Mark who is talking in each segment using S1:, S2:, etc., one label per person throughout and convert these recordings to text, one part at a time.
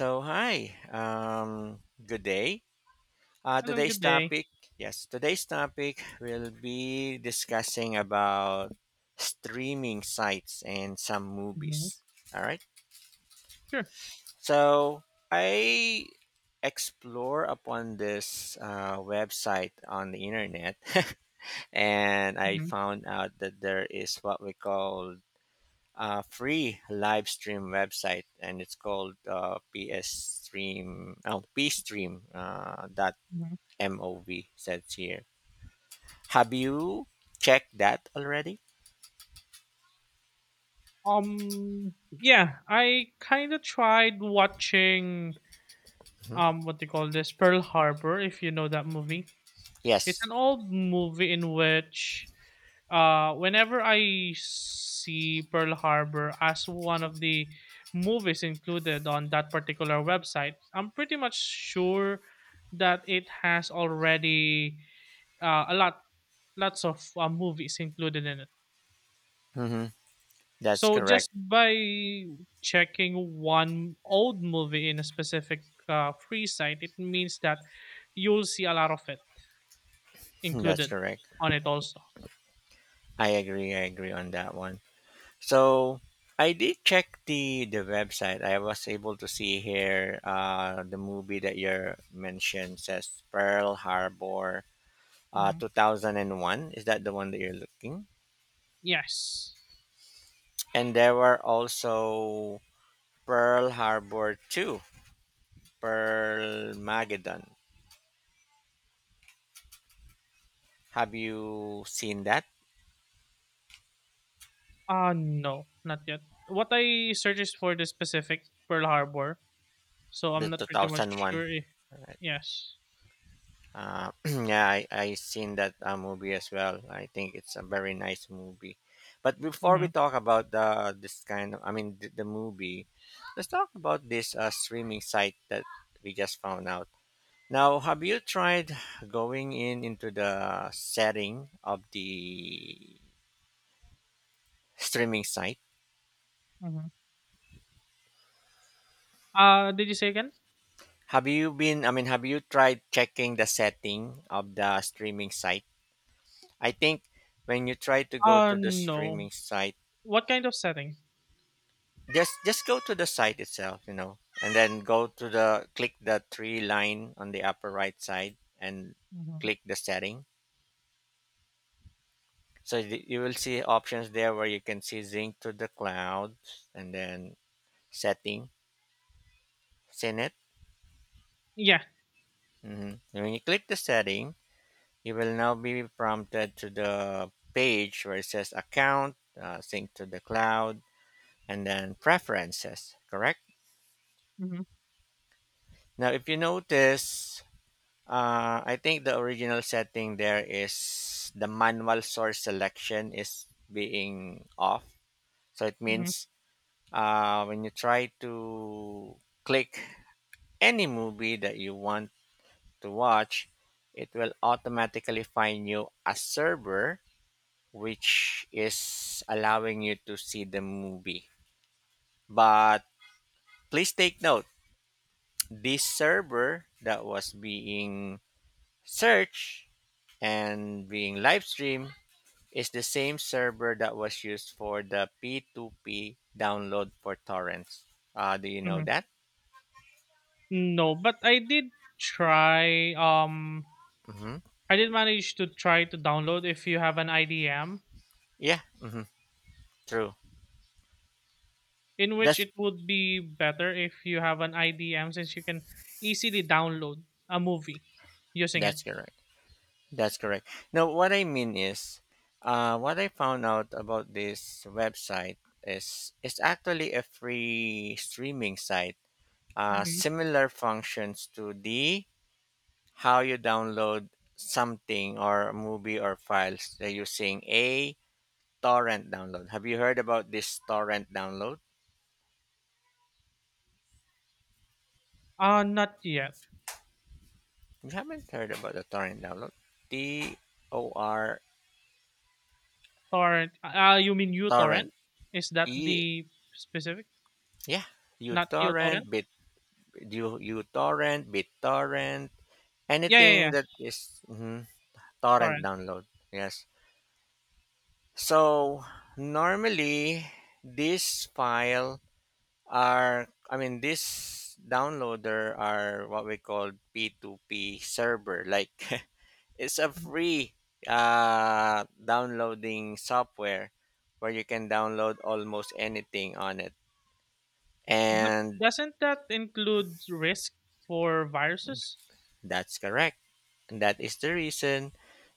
S1: So hi, um, good day. Uh,
S2: Hello,
S1: today's
S2: good day.
S1: topic, yes, today's topic will be discussing about streaming sites and some
S2: Mhm.
S1: movies. All right.
S2: Sure.
S1: So I explore upon this website on the internet, and I
S2: Mhm,
S1: found out that there is what we call free live stream website, and it's called PS Stream. Oh, pstream. Dot
S2: mhm.
S1: mov says here. Have you checked that already?
S2: Um, yeah, I kind of tried watching,
S1: Mhm.
S2: what they call this? Pearl Harbor, if you know that movie. It's
S1: Yes.
S2: an old movie in which, whenever I see Pearl Harbor as one of the movies included on that particular website, I'm pretty much sure that it has already uh, a lot, lots of movies included in it.
S1: Hmm. That's
S2: So
S1: correct.
S2: just by checking one old movie in a specific free site, it means that you'll see a lot of it
S1: That's
S2: included
S1: correct.
S2: on it also.
S1: I agree. I agree on that one. So I did check the website. I was able to see here the movie that you mentioned says Pearl Harbor,
S2: Hmm.
S1: 2001. Is that the one that you're looking?
S2: Yes.
S1: And there were also Pearl Harbor 2, Pearl Mageddon. Have you seen that?
S2: No, not yet. What I search is for the specific Pearl Harbor, so
S1: The
S2: I'm not pretty much
S1: 2001.
S2: sure. If,
S1: Right.
S2: yes.
S1: Yeah, I seen that movie as well. I think it's a very nice movie. But before
S2: Mm-hmm.
S1: we talk about the this kind of, I mean, the movie, let's talk about this streaming site that we just found out. Now, have you tried going in into the setting of the streaming site.
S2: Mm-hmm. Did you say again?
S1: Have you been, I mean, have you tried checking the setting of the streaming site? I think when you try to go
S2: Uh
S1: to the
S2: no.
S1: streaming site,
S2: What kind of setting?
S1: just go to the site itself, you know, and then go to the click the three line on the upper right side and
S2: Hmm.
S1: click the setting. So you will see options there where you can see sync to the cloud and then setting, sync it.
S2: Yeah.
S1: Hmm. When you click the setting, you will now be prompted to the page where it says account, sync to the cloud, and then preferences, correct?
S2: Mm-hmm.
S1: Now, if you notice, I think the original setting there is the manual source selection is being off. So it
S2: Mm-hmm.
S1: means when you try to click any movie that you want to watch, it will automatically find you a server which is allowing you to see the movie. But please take note this server that was being searched and being live streamed is the same server that was used for the P2P download for torrents. Do you know that?
S2: No, but try um
S1: Mm-hmm.
S2: I did manage to try to download if you have an IDM
S1: Yeah, mm-hmm. True.
S2: in which
S1: That's
S2: it would be better if you have an IDM since you can easily download a movie using it.
S1: that's correct. That's correct. Now, what I mean is, what I found out about this website is it's actually a free streaming site.
S2: Mhm.
S1: Similar functions to the how you download something or a movie or files. They're using a torrent download. Have you heard about this torrent download?
S2: Not yet.
S1: You haven't heard about the torrent download. T-O-R
S2: Torrent. You mean
S1: torrent.
S2: uTorrent? Is that
S1: E
S2: the specific?
S1: yeah. You
S2: Not uTorrent?
S1: torrent, you torrent, BitTorrent,
S2: Yeah, yeah,
S1: anything
S2: yeah.
S1: that is- mhm, torrent
S2: Torrent.
S1: download. Yes. So normally this file are I mean this downloader are what we call P2P server. Like it's a
S2: Mhm.
S1: free downloading software where you can download almost anything on it.
S2: But
S1: And
S2: doesn't that include risk for viruses?
S1: that's correct. And that is the reason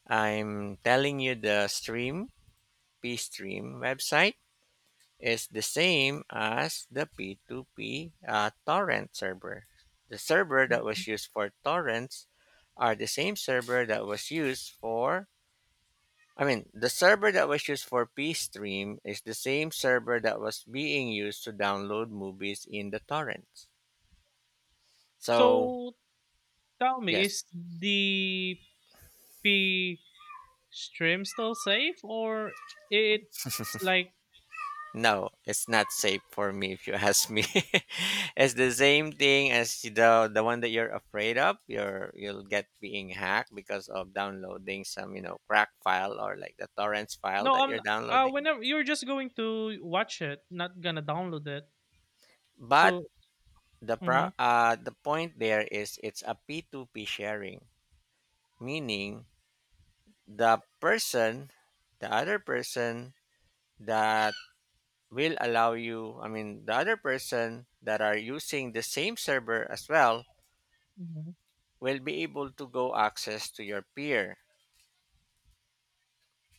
S1: I'm telling you the stream, PStream website is the same as the P2P torrent server. The server that was used for torrents are the same server that was used for I mean, the server that was used for PStream is the same server that was being used to download movies in the torrents. So,
S2: So, tell me,
S1: yes,
S2: is the P stream still safe, or it's like,
S1: no, it's not safe for me if you ask me. It's the same thing as the one that you're afraid of. You'll get being hacked because of downloading some you know crack file or like the torrents file
S2: no,
S1: that you're
S2: I'm
S1: downloading.
S2: whenever you're just going to watch it, not gonna download it.
S1: But
S2: So. Mm-hmm,
S1: the point there is it's a P2P sharing, meaning the person, the other person that will allow you. I mean, the other person that are using the same server as well
S2: mm-hmm,
S1: will be able to go access to your peer.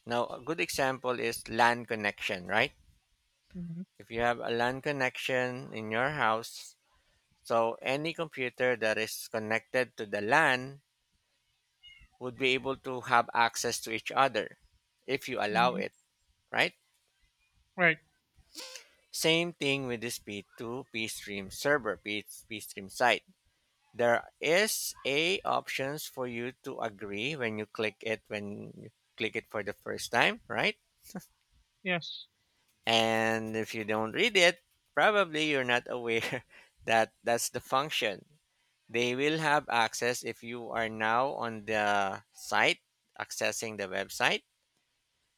S1: Now, a good example is LAN connection, right?
S2: mm-hmm.
S1: If you have a LAN connection in your house, so any computer that is connected to the LAN would be able to have access to each other if you allow
S2: Hmm,
S1: it, right?
S2: right.
S1: Same thing with this P2 p stream server, P stream site. There is a options for you to agree when you click it for the first time, right?
S2: Yes.
S1: And if you don't read it, probably you're not aware that that's the function. They will have access if you are now on the site accessing the website.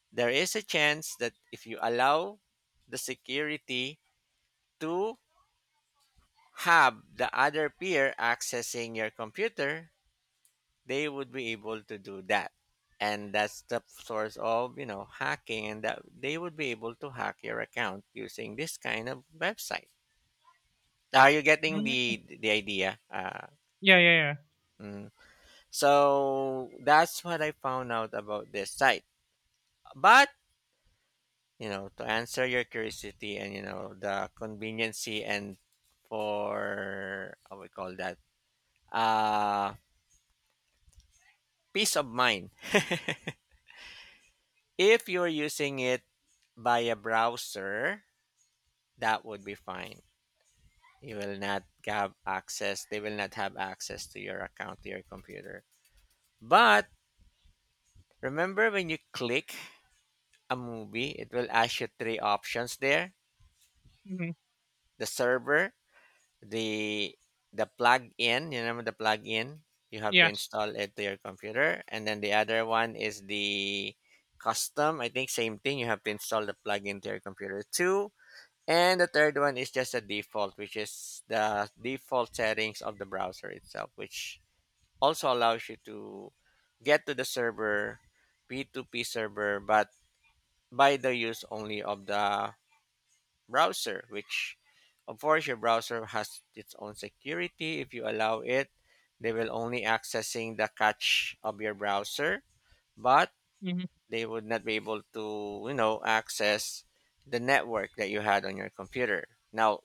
S1: There is a chance that if you allow the security to have the other peer accessing your computer, they would be able to do that. And that's the source of, you know, hacking and that they would be able to hack your account using this kind of website. Are you getting
S2: Hmm.
S1: the idea?
S2: Yeah, yeah,
S1: Mm. So that's what I found out about this site. But you know, to answer your curiosity and you know the conveniency and for how we call that uh peace of mind. If you're using it by a browser, that would be fine. You will not have access. They will not have access to your account to your computer. But remember when you click a movie, it will ask you three options there:
S2: yeah. Hmm.
S1: the server, the the plug-in. You remember the plug-in? You have to
S2: Yes.
S1: install it to your computer, and then the other one is the custom. I think same thing. You have to install the plug-in to your computer too. And the third one is just a default, which is the default settings of the browser itself, which also allows you to get to the server, P2P server, but by the use only of the browser, which of course your browser has its own security. If you allow it, they will only accessing the cache of your browser, but
S2: hmm
S1: they would not be able to, you know, access the network that you had on your computer. Now,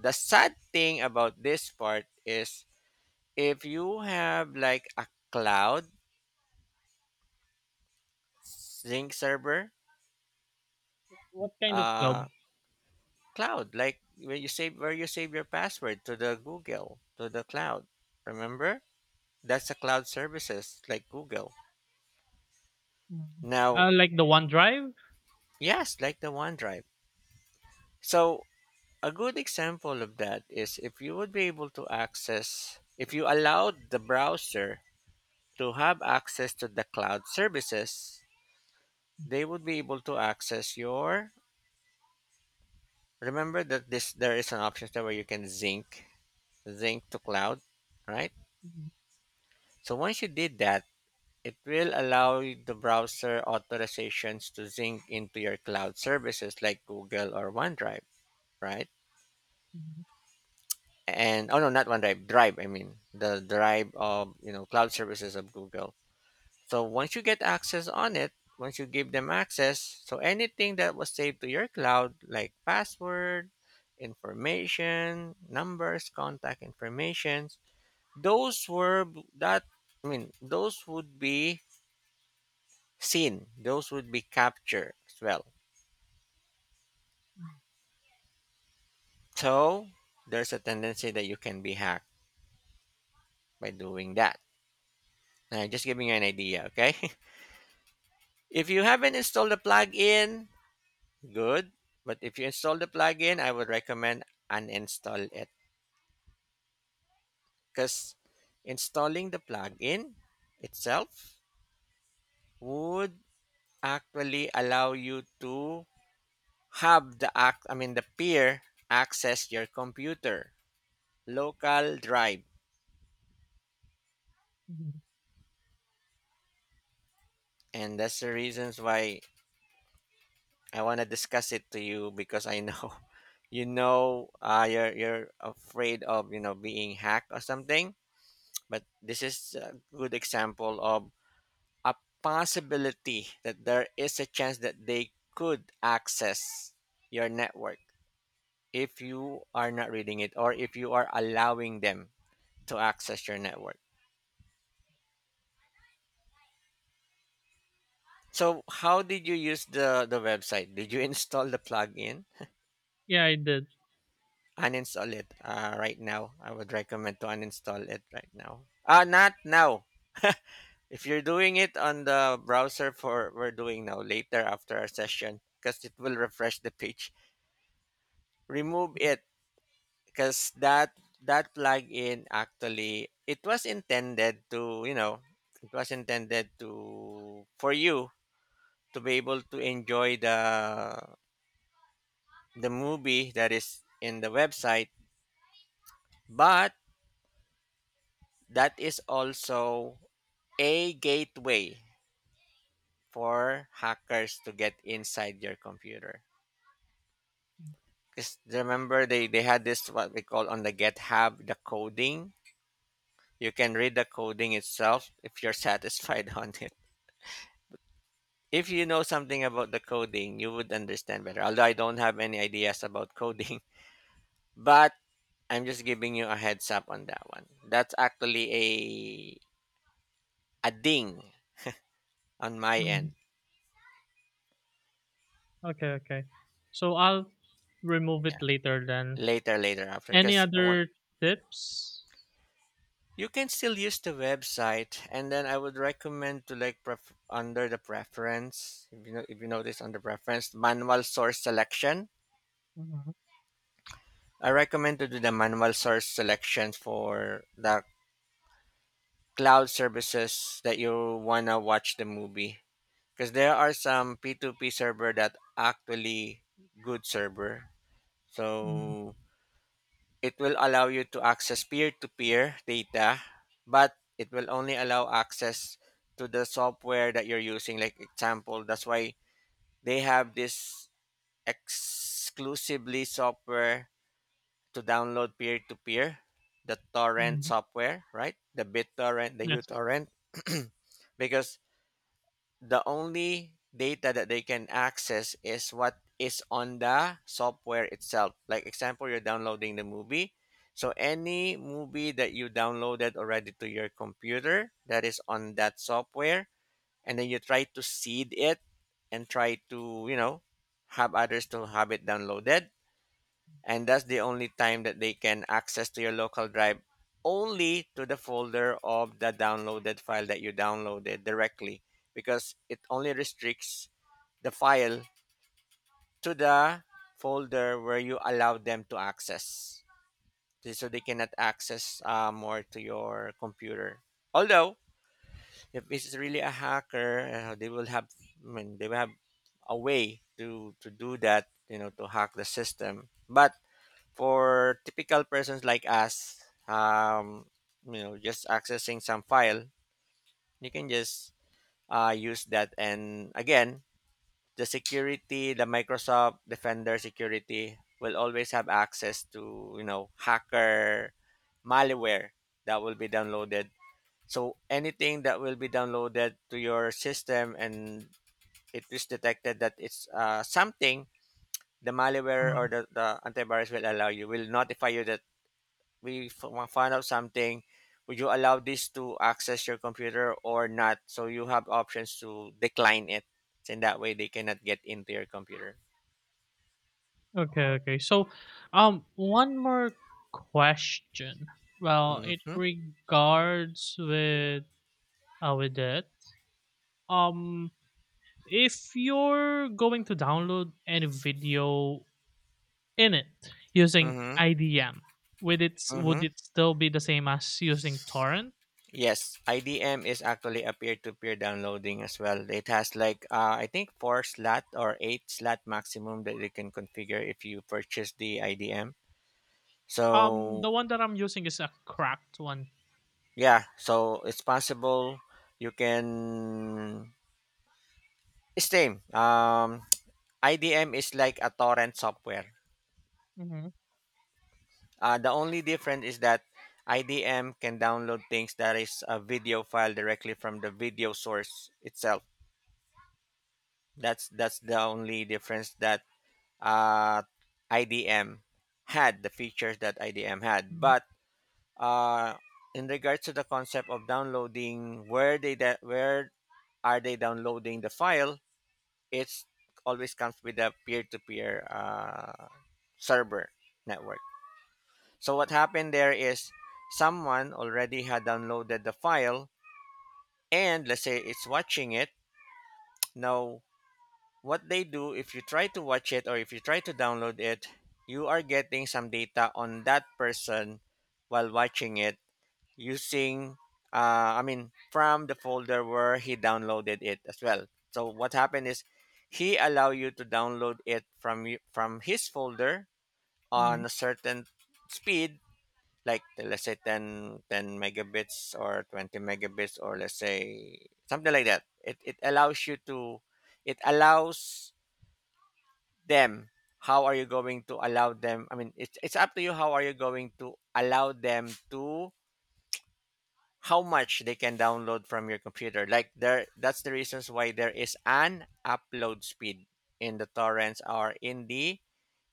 S1: the sad thing about this part is if you have like a cloud sync server,
S2: What kind of
S1: uh,
S2: cloud?
S1: cloud like where you save your password to the Google to the cloud. Remember? That's the cloud services like Google.
S2: Mhm.
S1: Now,
S2: Like the OneDrive?
S1: yes, like the OneDrive. So, a good example of that is if you would be able to access, if you allowed the browser to have access to the cloud services, they would be able to access your. Remember that this there is an option there where you can sync to cloud, right?
S2: Mhm,
S1: So once you did that, it will allow the browser authorizations to sync into your cloud services like Google or OneDrive. Right?
S2: mhm,
S1: And oh no, not OneDrive, Drive. I mean the Drive of you know cloud services of Google. So once you get access on it, once you give them access, so anything that was saved to your cloud, like password, information, numbers, contact information, those were that. I mean, those would be seen. Those would be captured as well. So there's a tendency that you can be hacked by doing that. Just giving you an idea, okay? If you haven't installed the plugin, good. But if you install the plugin, I would recommend uninstall it because installing the plugin itself would actually allow you to have the act I mean the peer access your computer local drive
S2: mhm.
S1: and that's the reasons why I want to discuss it to you because I know you know you're afraid of you know being hacked or something. But this is a good example of a possibility that there is a chance that they could access your network if you are not reading it or if you are allowing them to access your network. So, how did you use the website? Did you install the plugin?
S2: Yeah, I did.
S1: Uninstall it right now. I would recommend to uninstall it right now. Not now. If you're doing it on the browser for we're doing now later after our session, because it will refresh the page, remove it because that plugin actually it was intended to for you to be able to enjoy the movie that is in the website, but that is also a gateway for hackers to get inside your computer. Because remember they had this what we call on the GitHub the coding. You can read the coding itself if you're satisfied on it. If you know something about the coding, you would understand better. Although I don't have any ideas about coding, but I'm just giving you a heads up on that one. That's actually a ding on my
S2: Mhm.
S1: end
S2: Okay, okay. So I'll remove it later then.
S1: later later after
S2: Any
S1: because
S2: other tips?
S1: you can still use the website, and then I would recommend to like under the preference. If you know, if you notice under preference, manual source selection.
S2: Mhm,
S1: I recommend to do the manual source selection for the cloud services that you wanna watch the movie, because there are some P two P server that actually good server.
S2: mhm,
S1: So it will allow you to access peer to peer data, but it will only allow access to the software that you're using. Like, example, that's why they have this exclusively software to download peer to peer, the torrent
S2: mhm.
S1: software, right? The BitTorrent, the
S2: Yes.
S1: uTorrent, because the only data that they can access is what is on the software itself. Like example, you're downloading the movie. So any movie that you downloaded already to your computer that is on that software, and then you try to seed it and try to, have others to have it downloaded, and that's the only time that they can access to your local drive, only to the folder of the downloaded file that you downloaded directly, because it only restricts the file to the folder where you allow them to access, so they cannot access more to your computer. Although if this is really a hacker, they will have a way to do that, you know, to hack the system. But for typical persons like us, um, just accessing some file, you can just use that. And again, the security, the Microsoft Defender security will always have access to, you know, hacker malware that will be downloaded. So anything that will be downloaded to your system and it is detected that it's something, the malware or
S2: uh
S1: the antivirus will allow you, will notify you that want to find out something, would you allow this to access your computer or not, so you have options to decline it, and that way they cannot get into your computer.
S2: Okay, okay. So, one more question. Well, it
S1: Mm-hmm,
S2: regards with with it. Um, if you're going to download any video in it using
S1: mm-hmm,
S2: IDM,
S1: mm-hmm.
S2: would it still be the same as using torrent?
S1: Yes, IDM is actually a peer-to-peer downloading as well. It has like I think four slot or eight slot maximum that you can configure if you purchase the IDM. So
S2: The one that I'm using is a cracked one.
S1: yeah, so it's possible, you can same IDM is like a torrent software.
S2: Mhm,
S1: The only difference is that IDM can download things that is a video file directly from the video source itself. That's the only difference that uh, IDM had, the features that IDM had.
S2: mhm,
S1: But uh, in regards to the concept of downloading, where are they downloading the file? It's always comes with a peer-to-peer server network. So what happened there is someone already had downloaded the file and let's say it's watching it. Now, what they do if you try to watch it or if you try to download it, you are getting some data on that person while watching it using from the folder where he downloaded it as well. So what happened is he allow you to download it from his folder
S2: mhm,
S1: on a certain speed, like let's say ten megabits or 20 megabits, or let's say something like that. It allows you to, it allows them, how are you going to allow them, I mean it's up to you how are you going to allow them to, how much they can download from your computer, like there, that's the reasons why there is an upload speed in the torrents or in the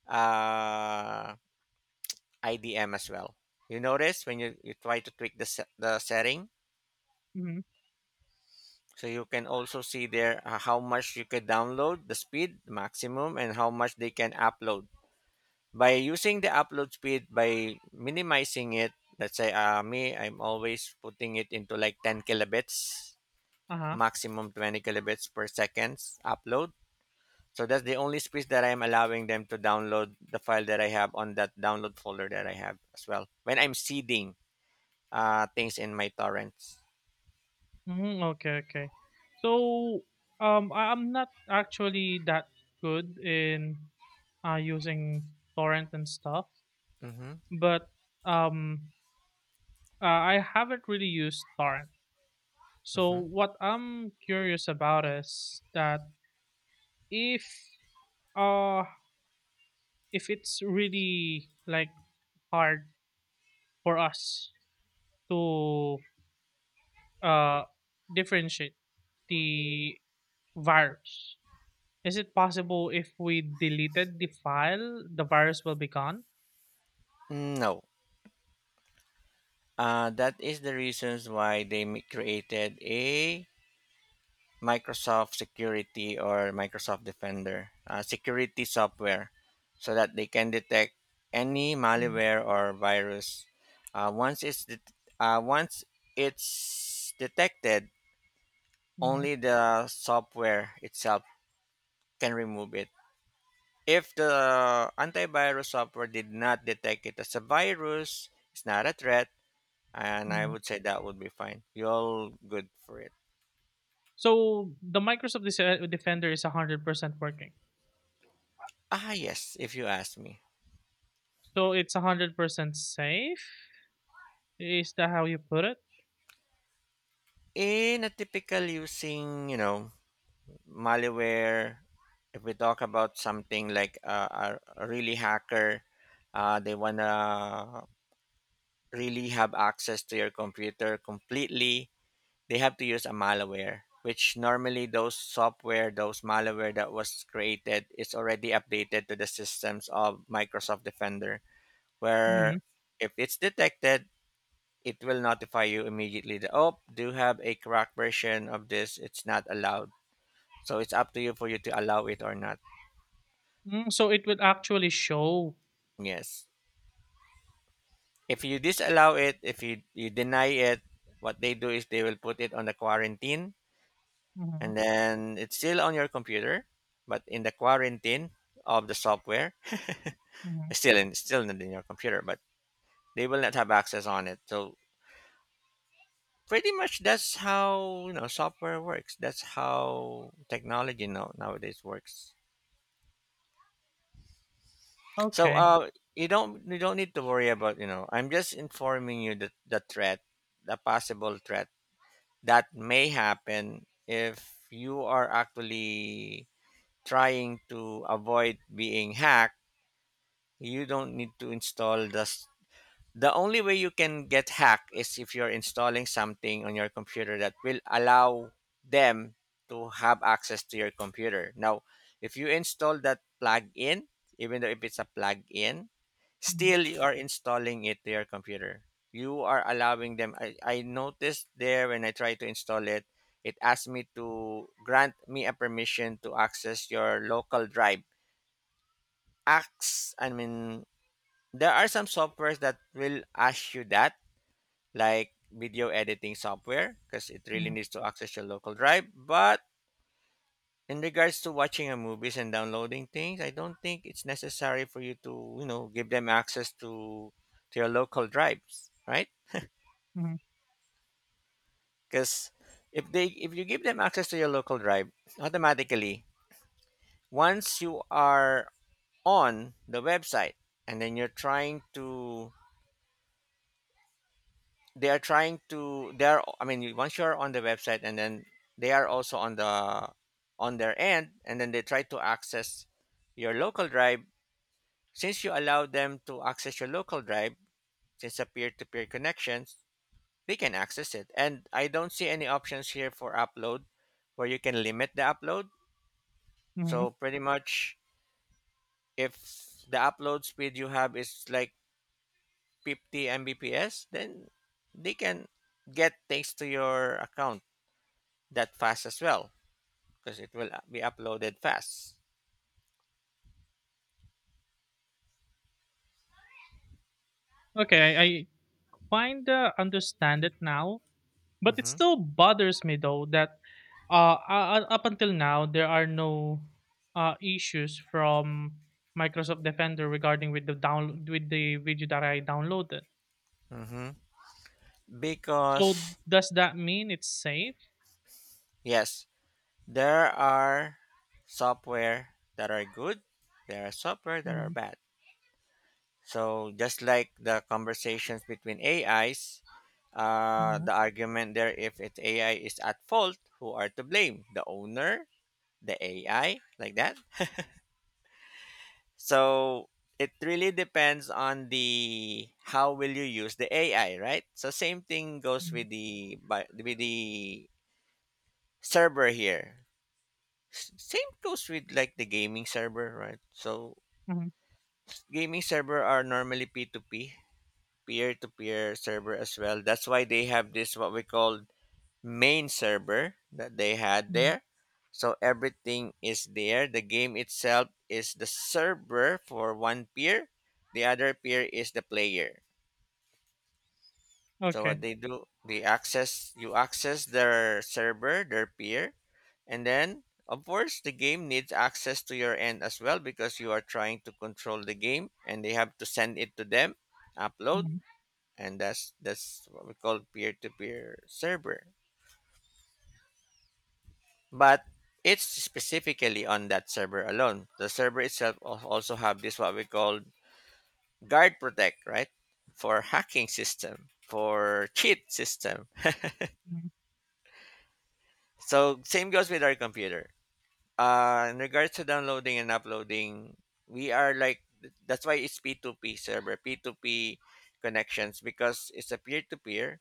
S1: uh, IDM as well. You notice when you try to tweak the, the setting.
S2: mhm.
S1: So you can also see there how much you can download, the speed maximum, and how much they can upload. By using the upload speed, by minimizing it, let's say me, I'm always putting it into like 10 kilobits,
S2: Uh-huh.
S1: maximum 20 kilobits per second upload. So that's the only space that I'm allowing them to download the file that I have on that download folder that I have as well. When I'm seeding things in my torrents.
S2: Mm, okay, okay. So, I'm not actually that good in using torrent and stuff,
S1: Mm-hmm,
S2: but um, I haven't really used torrent. So,
S1: mm-hmm.
S2: what I'm curious about is that if uh if it's really like hard for us to uh differentiate the virus. Is it possible if we deleted the file, the virus will be gone?
S1: No, that is the reasons why they created a Microsoft Security or Microsoft Defender security software, so that they can detect any
S2: Mhm,
S1: malware or virus. Once once it's detected,
S2: mhm,
S1: only the software itself can remove it. If the antivirus software did not detect it as a virus, it's not a threat, and I
S2: mhm.
S1: would say that would be fine. You're all good for it.
S2: So the Microsoft Defender is 100% working.
S1: Ah, yes, if you ask me.
S2: So it's 100% safe? Is that how you put it?
S1: In a typical using, you know, malware, if we talk about something like a really hacker, they want to really have access to your computer completely, they have to use a malware. Which normally those software, those malware that was created is already updated to the systems of Microsoft Defender, where
S2: Mhm.
S1: if it's detected, it will notify you immediately that, oh, do have a cracked version of this, it's not allowed, so it's up to you for you to allow it or not.
S2: So it will actually show.
S1: Yes, if you disallow it, if you deny it, what they do is they will put it on the quarantine,
S2: Mhm,
S1: and then it's still on your computer, but in the quarantine of the software,
S2: mhm.
S1: still not in your computer, but they will not have access on it. So pretty much that's how, you know, software works, that's how technology nowadays works. So
S2: Okay.
S1: you don't need to worry about, you know, I'm just informing you that the threat, the possible threat that may happen. If you are actually trying to avoid being hacked, you don't need to install the only way you can get hacked is if you're installing something on your computer that will allow them to have access to your computer. Now, if you install that plug-in, even though if it's a plug-in,
S2: Mhm,
S1: still, you are installing it to your computer. You are allowing them. I noticed there when I tried to install it, it asked me to grant me a permission to access your local drive. Acts, I mean, there are some softwares that will ask you that, like video editing software, because it really
S2: mhm,
S1: needs to access your local drive. But in regards to watching a movies and downloading things, I don't think it's necessary for you to, you know, give them access to your local drives, right?
S2: mhm,
S1: Because if they, if you give them access to your local drive, automatically once you are on the website and then you're trying to, they are trying to they are I mean once you're on the website and then they are also on the, on their end, and then they try to access your local drive, since you allow them to access your local drive, since a peer-to-peer connections, they can access it. And I don't see any options here for upload where you can limit the upload.
S2: mhm.
S1: So pretty much, if the upload speed you have is like 50 Mbps, then they can get things to your account that fast as well, because it will be uploaded fast.
S2: Okay, I kind of understand it now. But it
S1: Hmm.
S2: still bothers me though that uh, up until now, there are no issues from Microsoft Defender regarding with the video that I downloaded.
S1: Hmm.
S2: So
S1: Because
S2: does that mean it's safe?
S1: yes, there are software that are good, there are software that are
S2: Mhm,
S1: bad. So just like the conversations between AIs,
S2: mhm,
S1: the argument there if it's AI is at fault, who are to blame? The owner, the AI, like that. So it really depends on the how will you use the AI, right? So same thing goes
S2: mhm,
S1: with with the server here. Same goes with like the gaming server, right? So
S2: mhm,
S1: gaming server are normally P2P peer-to-peer server as well. That's why they have this what we call main server that they had
S2: mhm.
S1: there. So everything is there. The game itself is the server for one peer. The other peer is the player. So
S2: Okay.
S1: what they do, they access you access their server, their peer, and then of course the game needs access to your end as well, because you are trying to control the game and they have to send it to them, upload.
S2: Mhm,
S1: And that's what we call peer-to-peer server. But it's specifically on that server alone, the server itself also have this what we call guard protect, right? For hacking system, for cheat system.
S2: mhm,
S1: So same goes with our computer, in regards to downloading and uploading, we are like, that's why it's P2P server, P2P connections, because it's a peer-to-peer.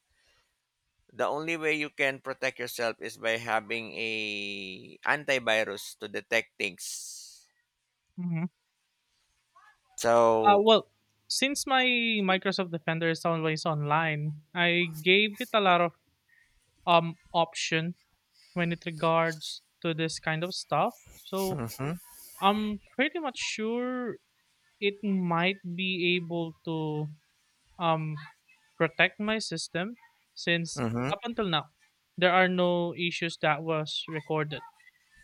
S1: The only way you can protect yourself is by having a antivirus to detect things.
S2: mhm.
S1: So,
S2: Well, since my Microsoft Defender is always online, I gave it a lot of option when it regards to this kind of stuff. So
S1: hmm.
S2: I'm pretty much sure it might be able to um protect my system, since
S1: Hmm.
S2: up until now there are no issues that was recorded.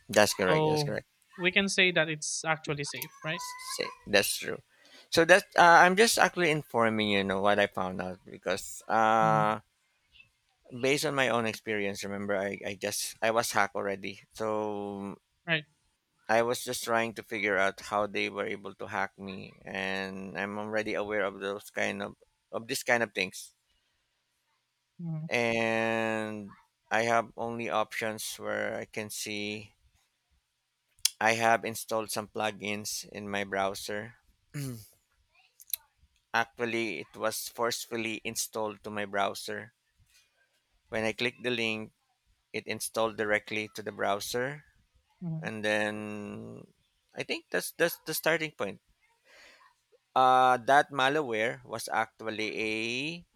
S1: That's correct. That's
S2: So
S1: correct.
S2: we can say that it's actually safe, right?
S1: That's true. So that I'm just actually informing you, know what I found out, because
S2: Mhm.
S1: based on my own experience, remember I was hacked already. So
S2: Right.
S1: I was just trying to figure out how they were able to hack me, and I'm already aware of those kind of this kind of things.
S2: Hmm.
S1: And I have only options where I can see I have installed some plugins in my browser. Actually, it was forcefully installed to my browser. When I clicked the link, it installed directly to the browser,
S2: Hmm.
S1: and then I think that's the starting point. That malware was actually a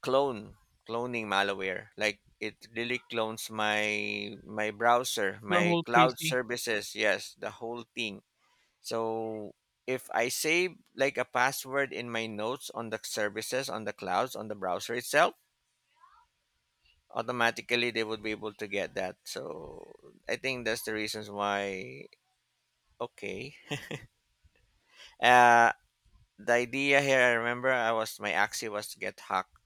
S1: clone cloning malware. Like it really clones my browser,
S2: Your
S1: my
S2: whole
S1: cloud
S2: precy.
S1: services, yes, the whole thing. So if I save like a password in my notes, on the services, on the clouds, on the browser itself, automatically they would be able to get that. So I think that's the reasons why. Okay. uh the idea here, I remember I was my axi was to get hacked,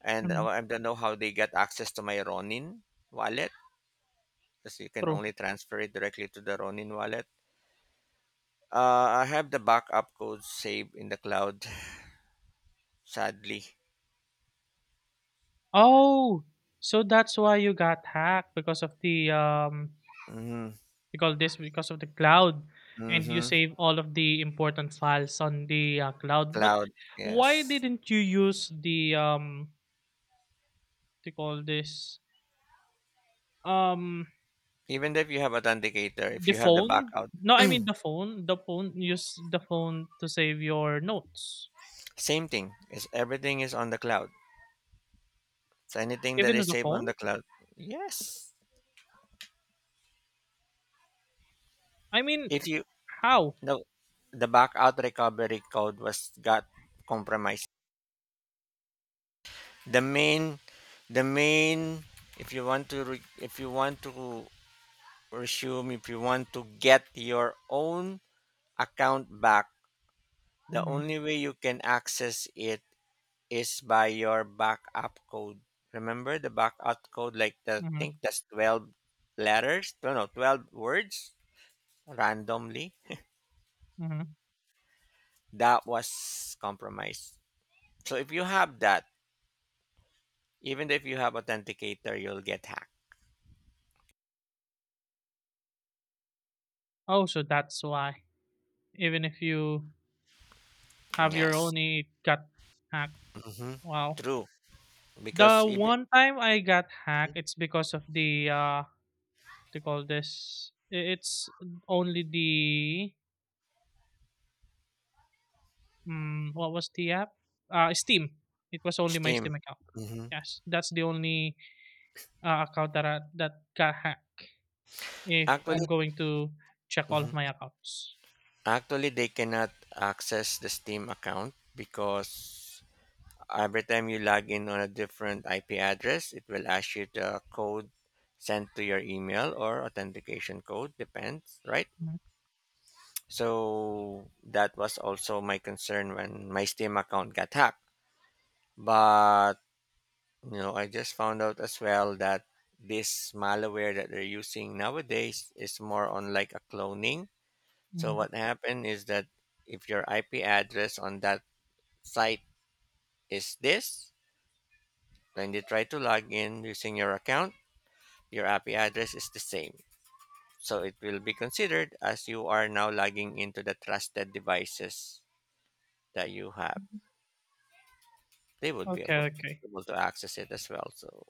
S1: and
S2: Hmm.
S1: I don't know how they got access to my ronin wallet, because you can
S2: True.
S1: only transfer it directly to the Ronin wallet. I have the backup code saved in the cloud, sadly.
S2: Oh, so that's why you got hacked, because of the,
S1: Mm-hmm.
S2: we call this, because of the cloud. And you
S1: Mm-hmm.
S2: save all of the important files on the cloud. But
S1: Cloud,
S2: why
S1: yes.
S2: didn't you use the, to call this, um
S1: Even if you have authenticator, if
S2: the
S1: you have the
S2: phone?
S1: backup,
S2: No, I mean the phone, use the phone to save your notes.
S1: same thing. Is everything is on the cloud. So anything that
S2: Even
S1: is
S2: with the
S1: saved on
S2: phone.
S1: the cloud, yes.
S2: I mean,
S1: If you
S2: how?
S1: No, the backout recovery code was got compromised. The main, the main. If you want to, re, If you want to presume if you want to get your own account back, the
S2: Mm-hmm,
S1: only way you can access it is by your backup code. Remember the backup code, like the I think
S2: mm-hmm,
S1: that's 12 letters, no, no, 12 words randomly.
S2: mm-hmm.
S1: That was compromised. So if you have that, even if you have authenticator, you'll get hacked.
S2: Oh, so that's why. Even if you have your
S1: Yes.
S2: own, it got hacked.
S1: Hmm.
S2: Wow.
S1: True,
S2: The
S1: because even...
S2: one time I got hacked, it's because of the, they call this, it's only the, what was the app, Steam. It was only my
S1: Steam.
S2: Steam account.
S1: Hmm.
S2: Yes, that's the only account that that got hacked if
S1: Actually,
S2: I'm going to check all
S1: mhm.
S2: of my accounts.
S1: Actually, they cannot access the Steam account because every time you log in on a different IP address, it will ask you the code sent to your email or authentication code, depends, right?
S2: Mhm,
S1: So that was also my concern when my Steam account got hacked. But, I just found out as well that this malware that they're using nowadays is more on like a cloning. So
S2: mhm.
S1: what happened is that if your IP address on that site is this. When they try to log in using your account, your API address is the same. So it will be considered as you are now logging into the trusted devices that you have. They would be
S2: Okay,
S1: able,
S2: okay.
S1: able to access it as well. So...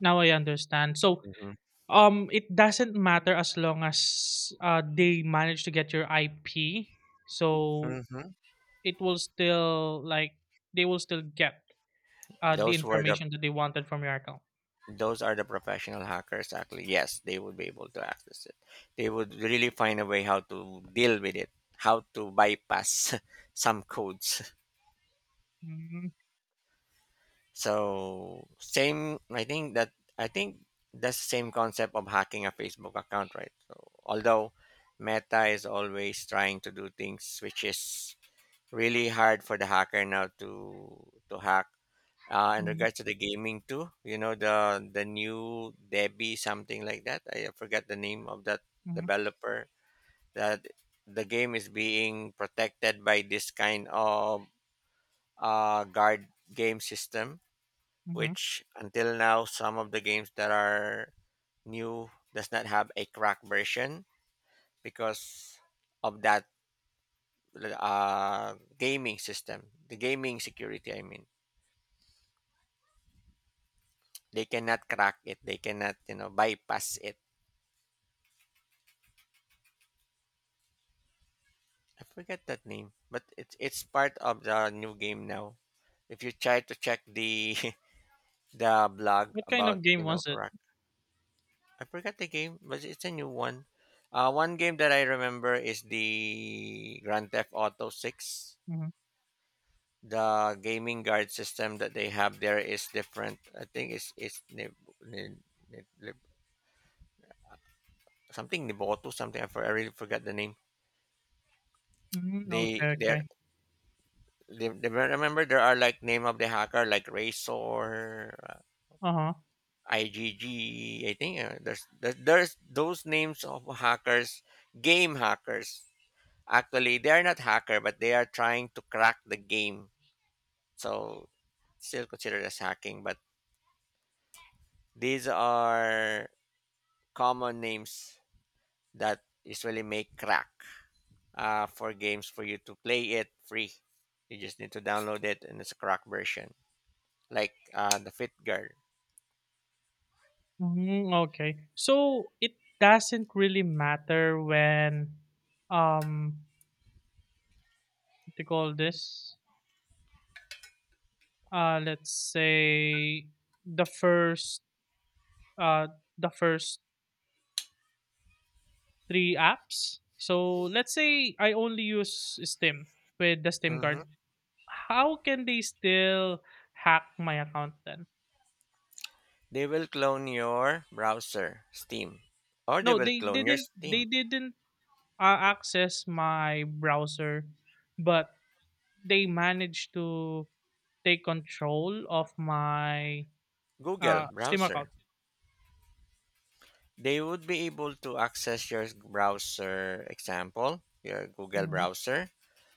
S2: Now I understand. So,
S1: Mhm.
S2: it doesn't matter as long as they manage to get your IP, so
S1: Mhm.
S2: it will still like, they will still get the
S1: those were the
S2: information that they wanted from your account.
S1: those are the professional hackers. Actually, yes, they would be able to access it. They would really find a way how to deal with it, how to bypass some codes.
S2: Mhm,
S1: So same, I think that's the same concept of hacking a Facebook account, right? So although Meta is always trying to do things which is really hard for the hacker now to hack. In
S2: mhm,
S1: regards to the gaming too, you know, the new Debbie something like that. I forget the name of that
S2: mhm,
S1: developer. That the game is being protected by this kind of guard game system,
S2: mhm.
S1: which until now some of the games that are new does not have a crack version because of that gaming system, the gaming security I mean, they cannot crack it, they cannot, you know, bypass it. I forget that name, but it's part of the new game now. If you try to check the the blog
S2: What kind
S1: about,
S2: of
S1: you
S2: game
S1: know,
S2: was it?
S1: crack... I forgot the game, but it's a new one. One game that I remember is the Grand Theft Auto 6.
S2: Mhm,
S1: The gaming guard system that they have there is different. I think it's Nib- Nib- Nib- Nib- something Niboto something. I really forgot the name.
S2: mhm,
S1: They
S2: okay,
S1: they're,
S2: okay.
S1: they remember there are like name of the hacker like Razor,
S2: Uh-huh.
S1: IGG. Think there's those names of hackers, game hackers. Actually, they are not hacker, but they are trying to crack the game. So still considered as hacking, but these are common names that usually make crack for games for you to play it free. You just need to download it and it's a crack version, like the Fit...
S2: Mhm, okay. So it doesn't really matter when, um what do you call this? Let's say the uh first three apps. So let's say I only use Steam with the Steam
S1: Hmm.
S2: card. How can they still hack my account then?
S1: They will clone your browser, Steam, or they
S2: No,
S1: will
S2: they
S1: clone your
S2: didn't
S1: Steam,
S2: they didn't uh, access my browser, but they managed to take control of my
S1: Google
S2: Steam
S1: browser.
S2: account.
S1: They would be able to access your browser, example your Google
S2: Hmm.
S1: browser.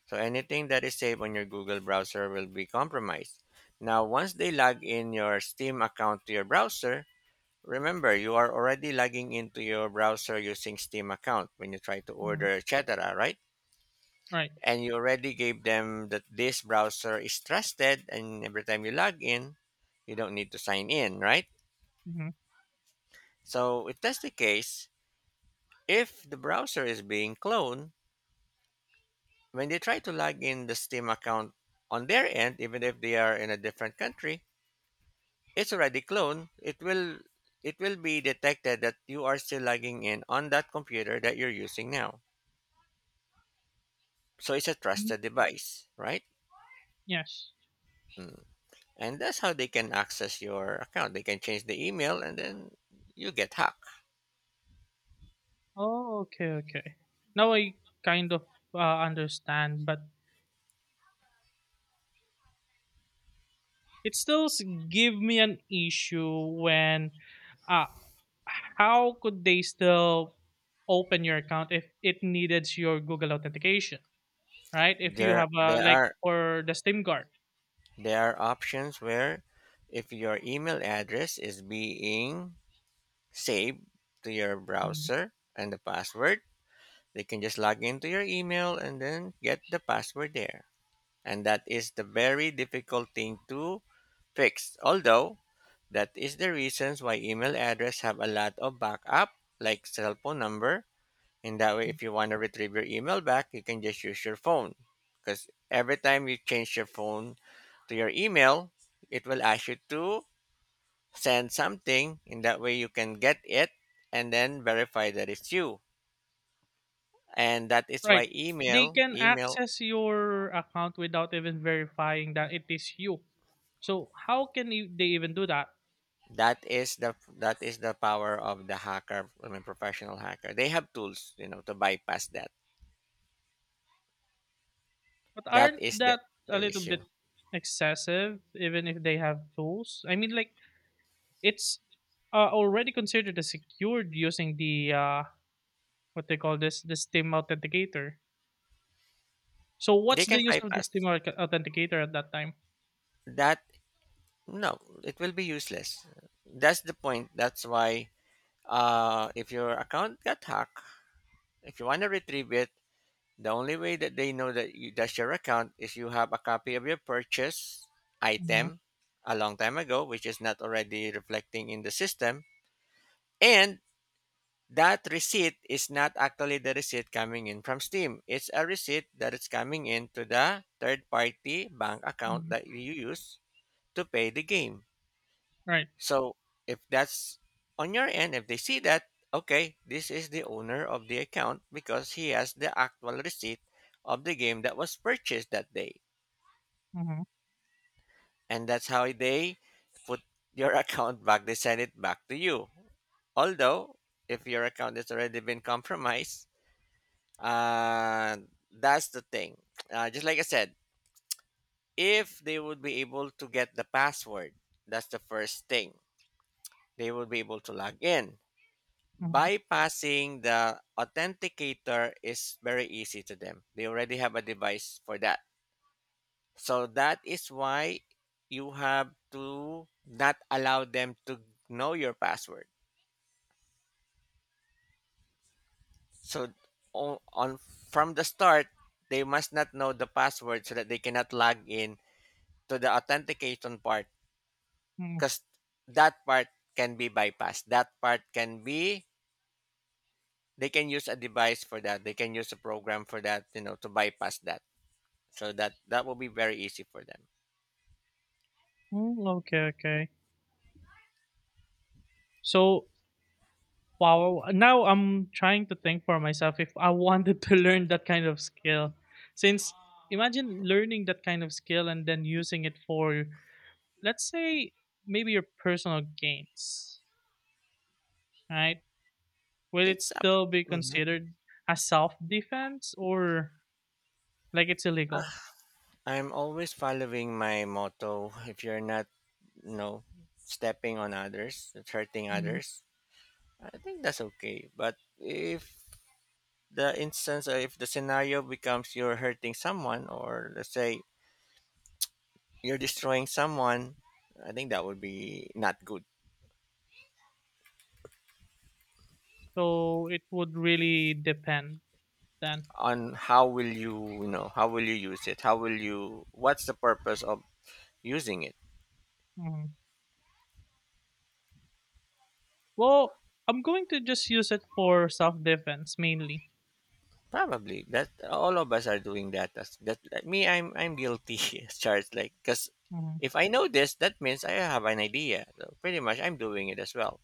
S1: So anything that is saved on your Google browser will be compromised. Now once they log in your Steam account to your browser, remember you are already logging into your browser using Steam account when you try to
S2: Hmm.
S1: order, etc., right?
S2: Right.
S1: And you already gave them that this browser is trusted, and every time you log in, you don't need to sign in, right?
S2: Hmm.
S1: So if that's the case, if the browser is being cloned, when they try to log in the Steam account on their end, even if they are in a different country, it's already cloned. It will be detected that you are still logging in on that computer that you're using now. So it's a trusted device, right?
S2: Yes.
S1: Mm. And that's how they can access your account. They can change the email and then you get hacked.
S2: Oh, okay, okay. Now I kind of understand, but it still give me an issue when, uh how could they still open your account if it needed your Google authentication? Right? If you
S1: There
S2: have a
S1: there
S2: like
S1: are
S2: for the SIM card.
S1: there are options where if your email address is being saved to your
S2: Mhm.
S1: browser and the password... They can just log into your email and then get the password there. And that is the very difficult thing to fix. Although, that is the reasons why email address have a lot of backup like cell phone number. And that way if you want to retrieve your email back, you can just use your phone. Because every time you change your phone to your email, it will ask you to send something. In that way you can get it and then verify that it's you. And that is
S2: Right?
S1: why
S2: They can
S1: email...
S2: access your account without even verifying that it is you. So how can they even do that?
S1: That is the power of the hacker, I mean professional hacker. They have tools, you know, to bypass that.
S2: But
S1: that
S2: aren't
S1: is the,
S2: that a
S1: the
S2: little
S1: issue,
S2: bit excessive? Even if they have tools, I mean, like it's already considered as secured using the, what they call this, the SIM authenticator. So
S1: they
S2: what's
S1: can
S2: the use of the
S1: bypass
S2: SIM authenticator at that time?
S1: that. No, it will be useless. That's the point. That's why uh, if your account got hacked, if you want to retrieve it, the only way that they know that you, that's your account is you have a copy of your purchase
S2: Hmm.
S1: item a long time ago which is not already reflecting in the system. And that receipt is not actually the receipt coming in from Steam. It's a receipt that is coming in to the third party bank account
S2: Hmm.
S1: that you use to pay the game.
S2: Right.
S1: So if that's... on your end, if they see that, okay, this is the owner of the account because he has the actual receipt of the game that was purchased that day.
S2: Hmm.
S1: And that's how they put your account back. They send it back to you. Although, if your account has already been compromised, Uh, that's the thing. Just like I said, if they would be able to get the password, that's the first thing. They will be able to log in. Bypassing the authenticator is very easy to them. They already have a device for that. So that is why you have to not allow them to know your password. So on from the start, they must not know the password so that they cannot log in to the authentication part,
S2: Hmm.
S1: because that part can be bypassed. That part can be... they can use a device for that. They can use a program for that, you know, to bypass that. So that will be very easy for them.
S2: Mm, okay, okay. So, wow, now I'm trying to think for myself if I wanted to learn that kind of skill. Since imagine learning that kind of skill and then using it for, let's say, maybe your personal gains, right? Will it
S1: It's up.
S2: still be
S1: Mhm.
S2: considered a self defense, or like it's illegal?
S1: I'm always following my motto. If you're not, you know, stepping on others, it's hurting
S2: Mhm.
S1: others, I think that's okay. But if the instance, or if the scenario becomes you're hurting someone, or let's say you're destroying someone, I think that would be not good.
S2: So, it would really depend then.
S1: On how will you, you know, how will you use it, how will you what's the purpose of using it.
S2: Mhm. Well, I'm going to just use it for self defense mainly.
S1: Probably that all of us are doing that. That's, that like, me I'm guilty as charged, like, because
S2: Mhm.
S1: if I know this, that means I have an idea, so pretty much I'm doing it as well.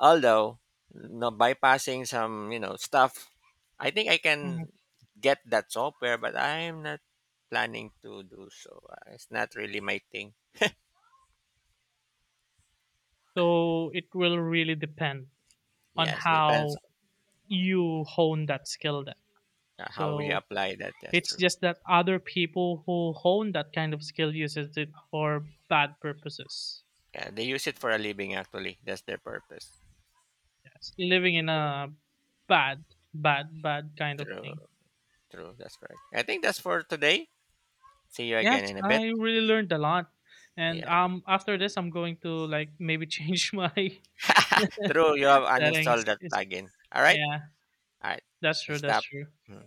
S1: Although, no, bypassing some, you know, stuff, I think I
S2: Mhm.
S1: can get that software, but I'm not planning to do so. It's not really my thing.
S2: So it will really depend on
S1: Yes, depends
S2: how you hone that skill then.
S1: on how you
S2: So
S1: apply that. That's
S2: it's
S1: true.
S2: just that other people who hone that kind of skill uses it for bad purposes.
S1: Yeah, they use it for a living actually. That's their purpose.
S2: Yes. Living in a bad, bad, bad kind of
S1: True,
S2: thing.
S1: true. That's correct. I think that's for today. See you again
S2: Yes,
S1: in a bit.
S2: I really learned a lot. And
S1: Yeah.
S2: after this I'm going to like maybe change my
S1: true. You have uninstalled
S2: settings.
S1: that
S2: It's,
S1: plugin. All right.
S2: yeah,
S1: All right.
S2: that's
S1: Let's
S2: true, that's
S1: stop.
S2: true.
S1: Hmm.